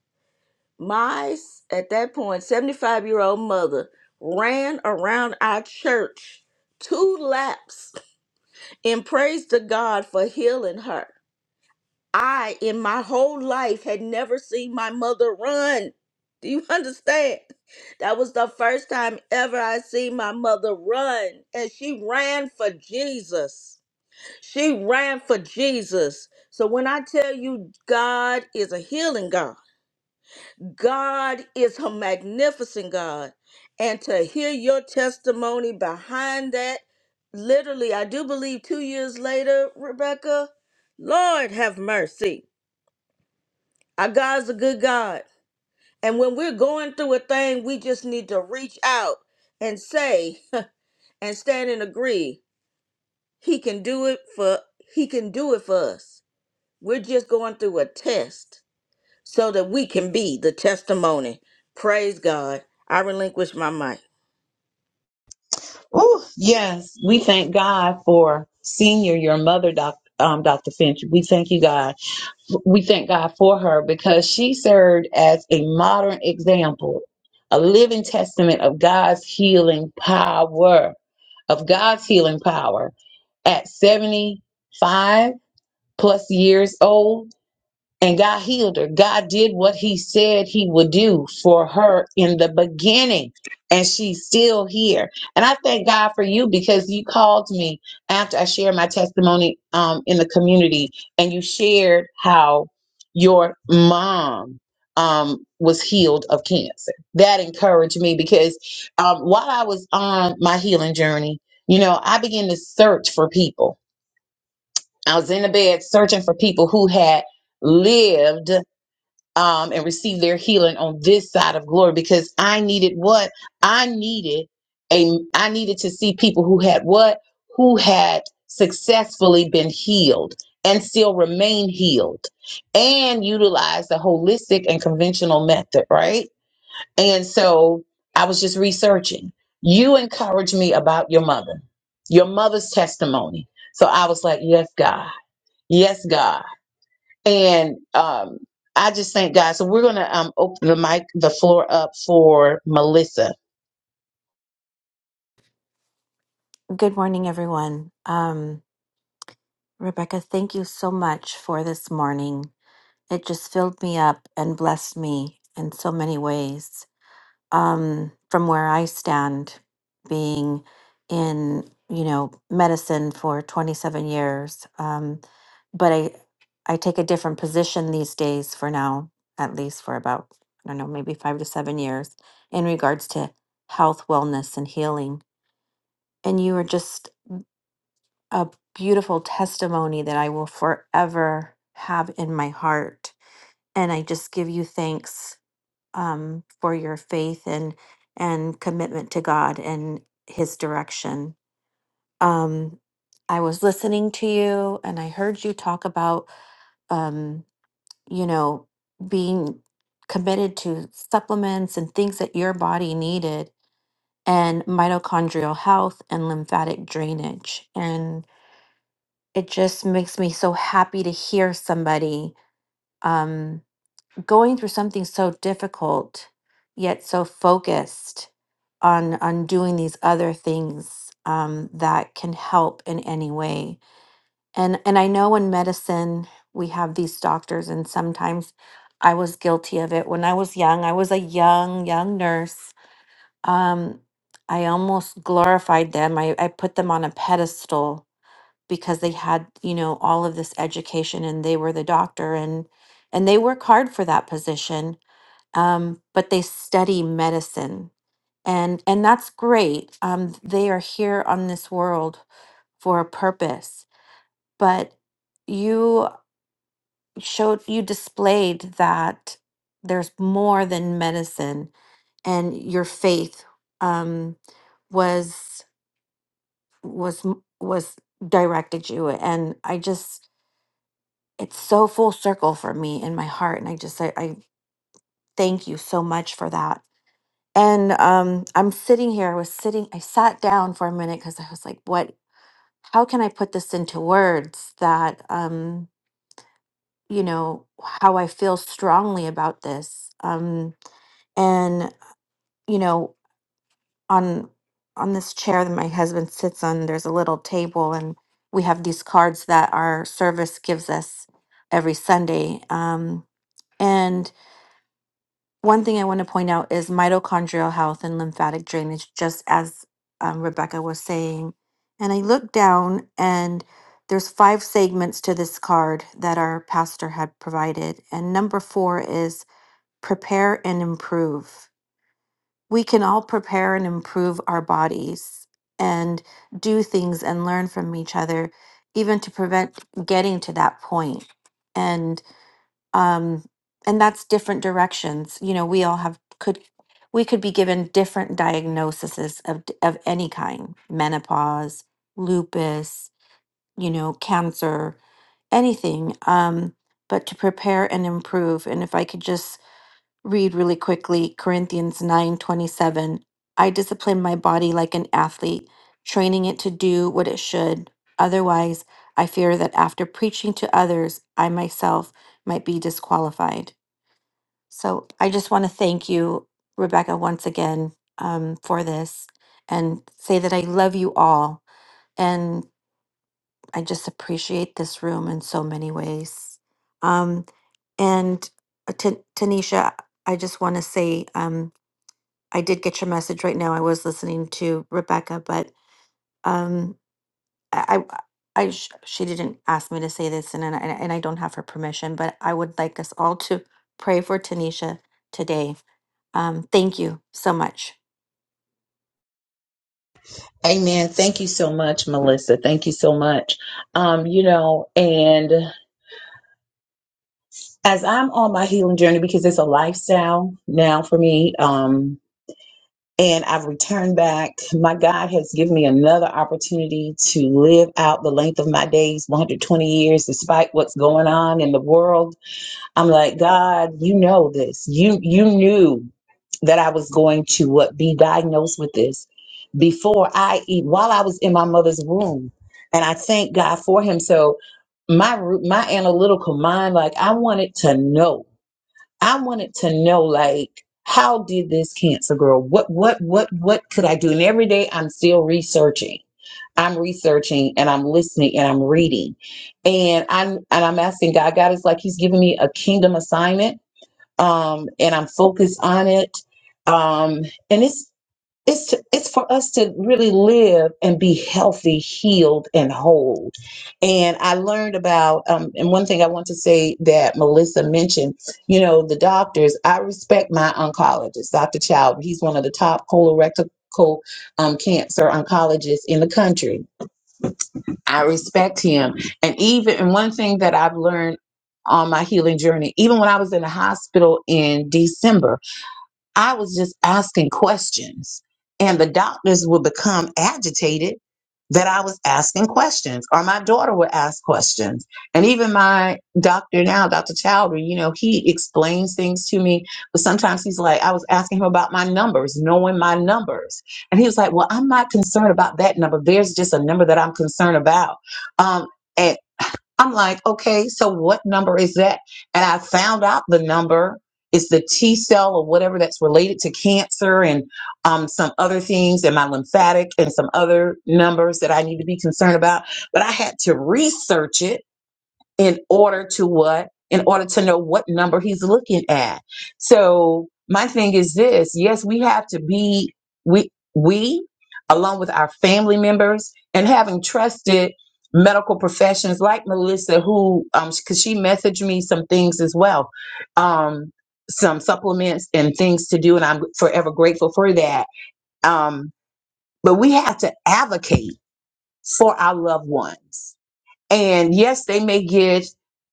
My, at that point, 75 year old mother ran around our church two laps and praised to God for healing her. I, in my whole life, had never seen my mother run. Do you understand? That was the first time ever I seen my mother run, and she ran for Jesus. She ran for Jesus. So when I tell you God is a healing God, God is a magnificent God. And to hear your testimony behind that, literally, I do believe two years later, Rebecca, Lord have mercy. Our God's a good God. And when we're going through a thing, we just need to reach out and say and stand and agree. He can do it for he can do it for us. We're just going through a test so that we can be the testimony. Praise God. I relinquish my mic. Oh, yes. We thank God for senior, your mother, doc, um, Dr. Finch. We thank you, God. we thank God for her because she served as a modern example, a living testament of God's healing power, of God's healing power at 75 plus years old and God healed her. God did what he said he would do for her in the beginning, and she's still here. And I thank God for you because you called me after I shared my testimony um, in the community, and you shared how your mom um, was healed of cancer. That encouraged me because um, while I was on my healing journey, you know, I began to search for people. I was in the bed searching for people who had lived um, and receive their healing on this side of glory because I needed what I needed a I needed to see people who had what who had successfully been healed and still remain healed and utilize the holistic and conventional method, right? And so I was just researching. You encouraged me about your mother, your mother's testimony. So I was like, yes, God, yes, God. And um, I just thank God. So we're gonna um, open the mic, the floor up for Melissa. Good morning, everyone. Um, Rebecca, thank you so much for this morning. It just filled me up and blessed me in so many ways. Um, from where I stand, being in you know medicine for 27 years, um, but I I take a different position these days for now, at least for about I don't know maybe five to seven years in regards to health, wellness, and healing. And you were just a beautiful testimony that I will forever have in my heart. And I just give you thanks um, for your faith and and commitment to God and His direction. Um, I was listening to you, and I heard you talk about um, you know being committed to supplements and things that your body needed and mitochondrial health and lymphatic drainage and it just makes me so happy to hear somebody um, going through something so difficult yet so focused on on doing these other things um, that can help in any way and and i know in medicine we have these doctors and sometimes i was guilty of it when i was young i was a young young nurse um, i almost glorified them I, I put them on a pedestal because they had you know all of this education and they were the doctor and and they work hard for that position um, but they study medicine and and that's great um, they are here on this world for a purpose but you showed you displayed that there's more than medicine and your faith um, was was m- was directed you and i just it's so full circle for me in my heart and i just i, I thank you so much for that and um i'm sitting here i was sitting i sat down for a minute because i was like what how can i put this into words that um you know how i feel strongly about this um and you know on on this chair that my husband sits on there's a little table and we have these cards that our service gives us every sunday um One thing I want to point out is mitochondrial health and lymphatic drainage, just as um, Rebecca was saying. And I looked down, and there's five segments to this card that our pastor had provided. And number four is prepare and improve. We can all prepare and improve our bodies and do things and learn from each other, even to prevent getting to that point. And um and that's different directions you know we all have could we could be given different diagnoses of d- of any kind menopause lupus you know cancer anything um but to prepare and improve and if i could just read really quickly Corinthians 9:27. I discipline my body like an athlete, training it to do what it should. Otherwise, I fear that after preaching to others, I myself might be disqualified. So I just want to thank you, Rebecca, once again um, for this and say that I love you all. And I just appreciate this room in so many ways. Um, and uh, Ta- Tanisha, I just want to say, um, I did get your message right now. I was listening to Rebecca, but um, I, I I sh- she didn't ask me to say this, and and I, and I don't have her permission, but I would like us all to pray for Tanisha today. Um, thank you so much. Amen. Thank you so much, Melissa. Thank you so much. Um, you know, and as I'm on my healing journey, because it's a lifestyle now for me, um, and I've returned back, my God has given me another opportunity to live out the length of my days 120 years, despite what's going on in the world I'm like, God, you know this. You you knew that I was going to what be diagnosed with this before I eat while I was in my mother's womb. And I thank God for him. So my ru- my analytical mind, like I wanted to know. I wanted to know like how did this cancer grow? What what what what could I do? And every day I'm still researching. I'm researching and I'm listening and I'm reading. And I'm and I'm asking God. God is like He's giving me a kingdom assignment. Um, and I'm focused on it. Um, and it's it's to, it's for us to really live and be healthy, healed, and whole. And I learned about um, and one thing I want to say that Melissa mentioned, you know, the doctors. I respect my oncologist, Dr. Child. He's one of the top colorectal um, cancer oncologists in the country. I respect him, and even and one thing that I've learned on my healing journey, even when I was in the hospital in December. I was just asking questions, and the doctors would become agitated that I was asking questions, or my daughter would ask questions. And even my doctor now, Dr. Chowdhury, you know, he explains things to me, but sometimes he's like, I was asking him about my numbers, knowing my numbers. And he was like, Well, I'm not concerned about that number. There's just a number that I'm concerned about. Um, and I'm like, okay, so what number is that? And I found out the number is the T cell or whatever that's related to cancer and um, some other things and my lymphatic and some other numbers that I need to be concerned about. But I had to research it in order to what? In order to know what number he's looking at. So my thing is this: yes, we have to be we we along with our family members and having trusted medical professions like Melissa, who um because she messaged me some things as well, um some supplements and things to do, and I'm forever grateful for that. Um, but we have to advocate for our loved ones and yes, they may get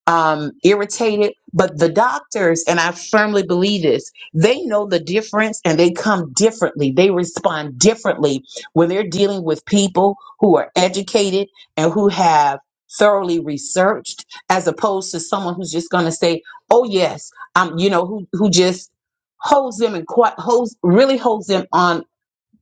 um, irritated, but the doctors, and I firmly believe this, they know the difference and they come differently. They respond differently when they're dealing with people who are educated and who have thoroughly researched as opposed to someone who's just going to say oh yes um you know who who just holds them and quite holds really holds them on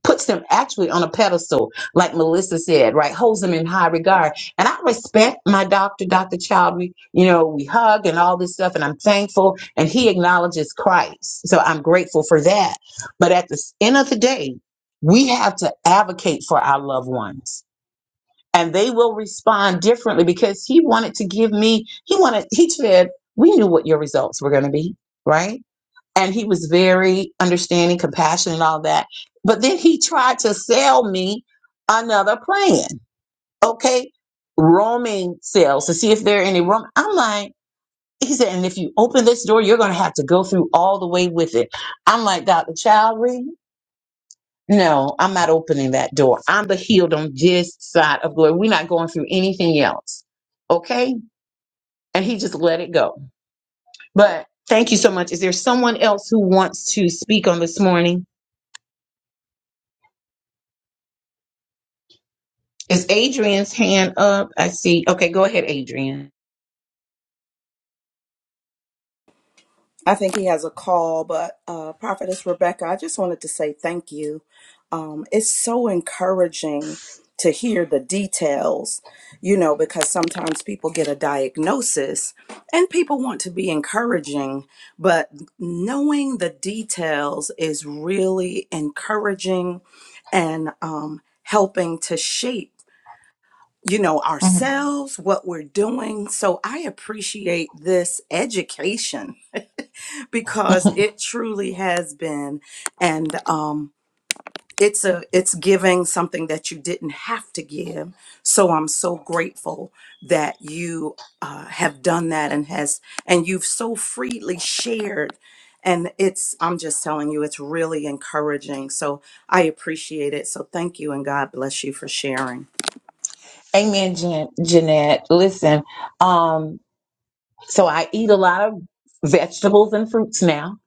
puts them actually on a pedestal, like Melissa said, right? Holds them in high regard. And I respect my doctor, Dr. Child. We, you know, we hug and all this stuff, and I'm thankful. And he acknowledges Christ. So I'm grateful for that. But at the end of the day, we have to advocate for our loved ones. And they will respond differently because he wanted to give me, he wanted, he said, we knew what your results were going to be, right? and he was very understanding, compassionate, and all that. But then he tried to sell me another plan, okay, roaming sales to see if there are any room. I'm like, he said, and if you open this door, you're going to have to go through all the way with it. I'm like, Dr. Chowdhury, no, I'm not opening that door. I'm the healed on this side of glory. We're not going through anything else, okay? And he just let it go. But thank you so much. Is there someone else who wants to speak on this morning? Is Adrian's hand up? I see. Okay, go ahead, Adrian. I think he has a call, but uh, Prophetess Rebecca, I just wanted to say thank you. Um, it's so encouraging to hear the details, you know, because sometimes people get a diagnosis and people want to be encouraging, but knowing the details is really encouraging and um, helping to shape you know, ourselves, what we're doing. So I appreciate this education because it truly has been and um it's a it's giving something that you didn't have to give so i'm so grateful that you uh, have done that and has and you've so freely shared and it's i'm just telling you it's really encouraging so i appreciate it so thank you and god bless you for sharing Amen, Jan- Jeanette. Listen, um, so I eat a lot of vegetables and fruits now,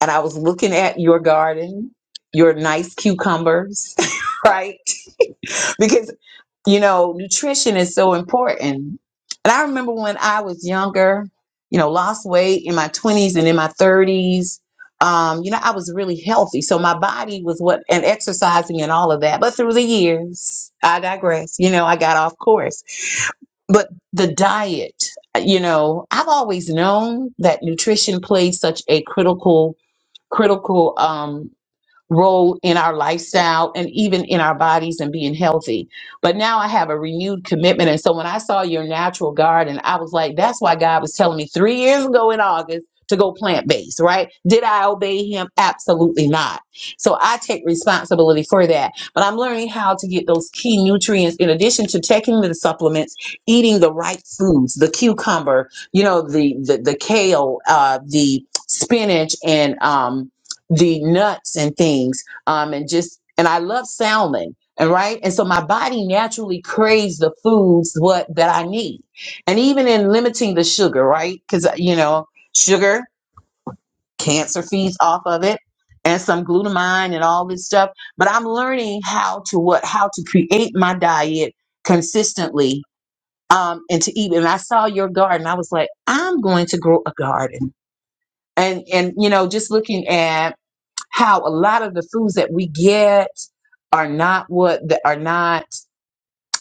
and I was looking at your garden, your nice cucumbers, right? Because. you know, nutrition is so important. And I remember when I was younger, you know, lost weight in my 20s and in my 30s. Um, you know, I was really healthy. So my body was what, and exercising and all of that. But through the years, I digress. You know, I got off course. But the diet, you know, I've always known that nutrition plays such a critical, critical, um, role in our lifestyle and even in our bodies and being healthy. But now I have a renewed commitment. And so when I saw your natural garden, I was like, that's why God was telling me three years ago in August to go plant based, right? Did I obey him? Absolutely not. So I take responsibility for that. But I'm learning how to get those key nutrients in addition to taking the supplements, eating the right foods, the cucumber, you know, the the, the kale, uh, the spinach and um the nuts and things um and just and i love salmon and right and so my body naturally craves the foods what that i need and even in limiting the sugar right because you know sugar cancer feeds off of it and some glutamine and all this stuff but i'm learning how to what how to create my diet consistently um and to eat and i saw your garden i was like i'm going to grow a garden and and you know just looking at how a lot of the foods that we get are not what that are not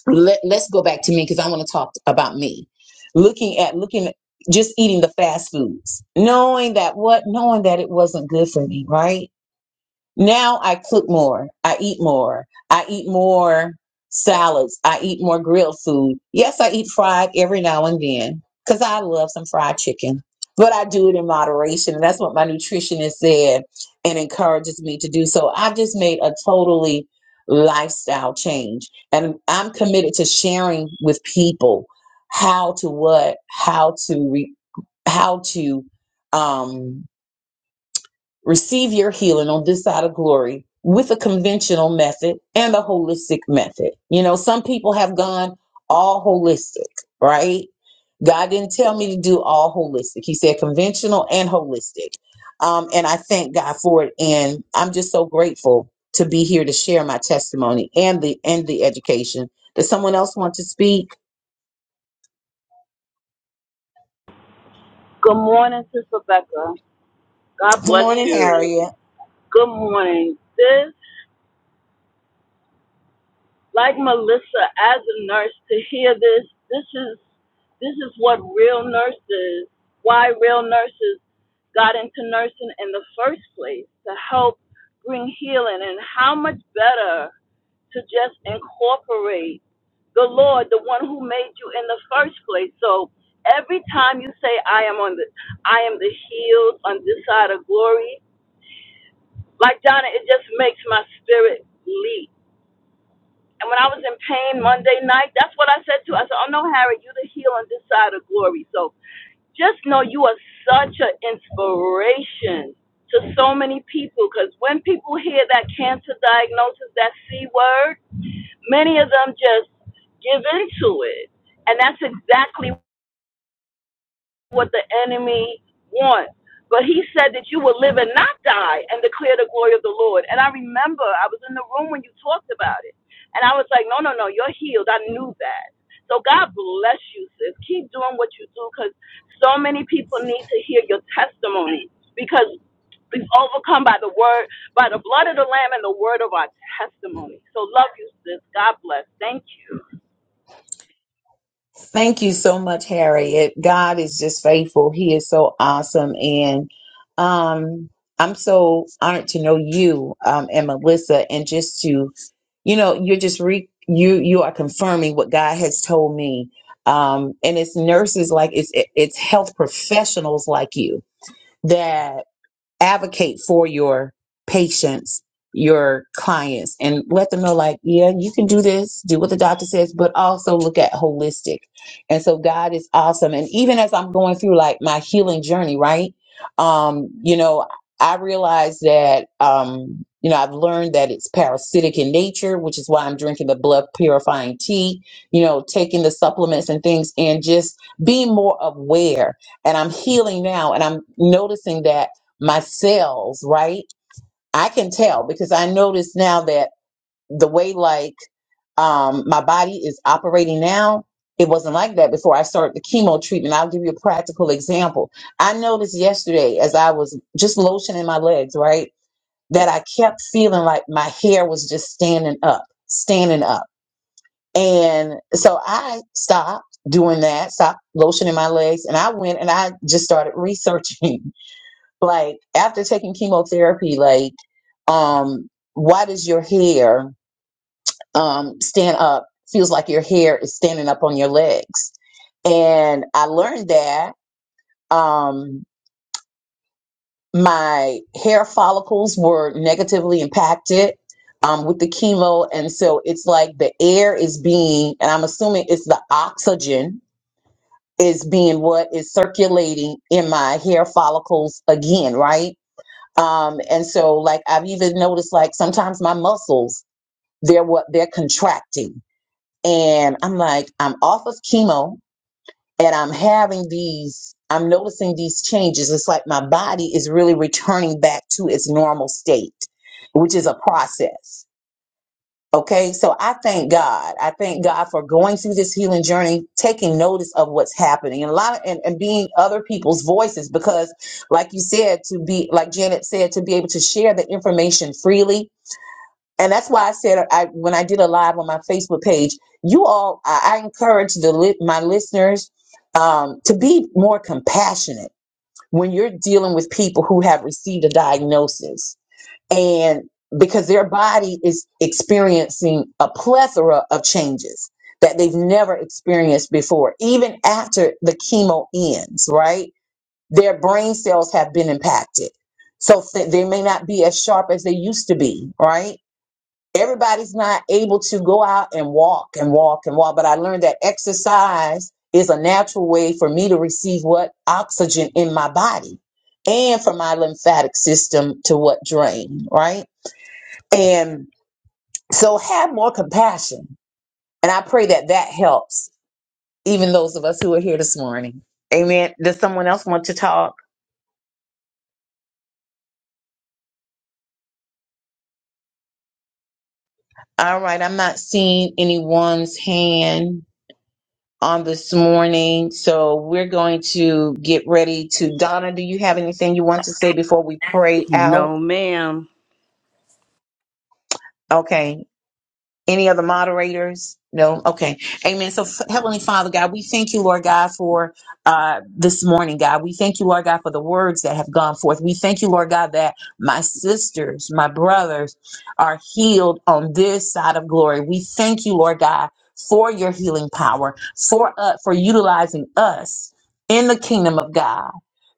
let, let's go back to me because i want to talk about me looking at looking at- just eating the fast foods knowing that what knowing that it wasn't good for me right now I cook more. I eat more. I eat more salads. I eat more grilled food. Yes, I eat fried every now and then because I love some fried chicken, but I do it in moderation. And that's what my nutritionist said and encourages me to do. So I've just made a totally lifestyle change. And I'm committed to sharing with people how to what, how to, re- how to, um, Receive your healing on this side of glory with a conventional method and a holistic method. You know, some people have gone all holistic, right? God didn't tell me to do all holistic. He said conventional and holistic. Um, and I thank God for it. And I'm just so grateful to be here to share my testimony and the and the education. Does someone else want to speak? Good morning, Sister Becca. God Good bless morning, you. Harriet. Good morning. This, like Melissa, as a nurse, to hear this, this is this is what real nurses, why real nurses got into nursing in the first place to help bring healing, and how much better to just incorporate the Lord, the one who made you in the first place. So every time you say, "I am on the, I am the healed on this side of glory," Like Donna, it just makes my spirit leap. And when I was in pain Monday night, that's what I said to. her. I said, "Oh no, Harry, you the heel on this side of glory." So just know you are such an inspiration to so many people. Because when people hear that cancer diagnosis, that C word, many of them just give into it, and that's exactly what the enemy wants. But he said that you will live and not die and declare the glory of the Lord. And I remember I was in the room when you talked about it. And I was like, no, no, no, you're healed. I knew that. So God bless you, sis. Keep doing what you do because so many people need to hear your testimony because we've overcome by the word, by the blood of the Lamb and the word of our testimony. So love you, sis. God bless. Thank you. Thank you so much, Harriet. God is just faithful. He is so awesome. And um, I'm so honored to know you um, and Melissa, and just to, you know, you're just re- you you are confirming what God has told me. Um, and it's nurses like it's it's health professionals like you that advocate for your patients, your clients, and let them know, like, yeah, you can do this, do what the doctor says, but also look at holistic. And so God is awesome. And even as I'm going through like my healing journey, right? Um, you know, I realize that um, you know, I've learned that it's parasitic in nature, which is why I'm drinking the blood purifying tea, you know, taking the supplements and things and just being more aware. And I'm healing now and I'm noticing that my cells, right? I can tell because I notice now that the way like um my body is operating now, it wasn't like that before I started the chemo treatment. I'll give you a practical example. I noticed yesterday as I was just lotioning my legs, right, that I kept feeling like my hair was just standing up, standing up. And so I stopped doing that, stopped lotioning my legs, and I went and I just started researching like after taking chemotherapy, like um, why does your hair um, stand up? Feels like your hair is standing up on your legs. And I learned that um, my hair follicles were negatively impacted um, with the chemo. And so it's like the air is being, and I'm assuming it's the oxygen is being what is circulating in my hair follicles again, right? Um, and so like I've even noticed like sometimes my muscles they're what they're contracting and i'm like i'm off of chemo and i'm having these i'm noticing these changes it's like my body is really returning back to its normal state which is a process okay so i thank god i thank god for going through this healing journey taking notice of what's happening and a lot of, and, and being other people's voices because like you said to be like janet said to be able to share the information freely and that's why I said I when I did a live on my Facebook page, you all, I, I encourage the li- my listeners um, to be more compassionate when you're dealing with people who have received a diagnosis, and because their body is experiencing a plethora of changes that they've never experienced before, even after the chemo ends. Right, their brain cells have been impacted, so th- they may not be as sharp as they used to be. Right everybody's not able to go out and walk and walk and walk. But I learned that exercise is a natural way for me to receive what oxygen in my body and for my lymphatic system to what drain, right? And so have more compassion. And I pray that that helps, even those of us who are here this morning. Amen. Does someone else want to talk? All right. I'm not seeing anyone's hand. on this morning. So we're going to get ready to Donna. Do you have anything you want to say before we pray out? No, ma'am. Okay. Any other moderators? No? Okay. Amen. So, F- Heavenly Father, God, we thank you, Lord God, for uh, this morning, God. We thank you, Lord God, for the words that have gone forth. We thank you, Lord God, that my sisters, my brothers are healed on this side of glory. We thank you, Lord God, for your healing power, for uh, for utilizing us in the kingdom of God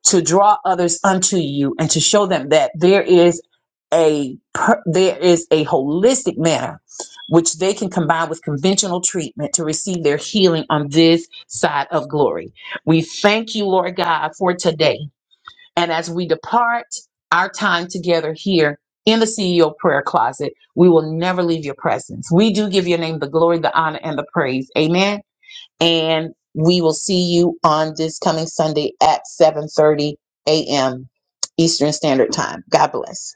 to draw others unto you and to show them that there is a per- there is a holistic manner which they can combine with conventional treatment to receive their healing on this side of glory. We thank you, Lord God, for today. And as we depart our time together here in the CEO prayer closet, we will never leave your presence. We do give your name the glory, the honor, and the praise. Amen. And we will see you on this coming Sunday at 7:30 a.m. Eastern Standard Time. God bless.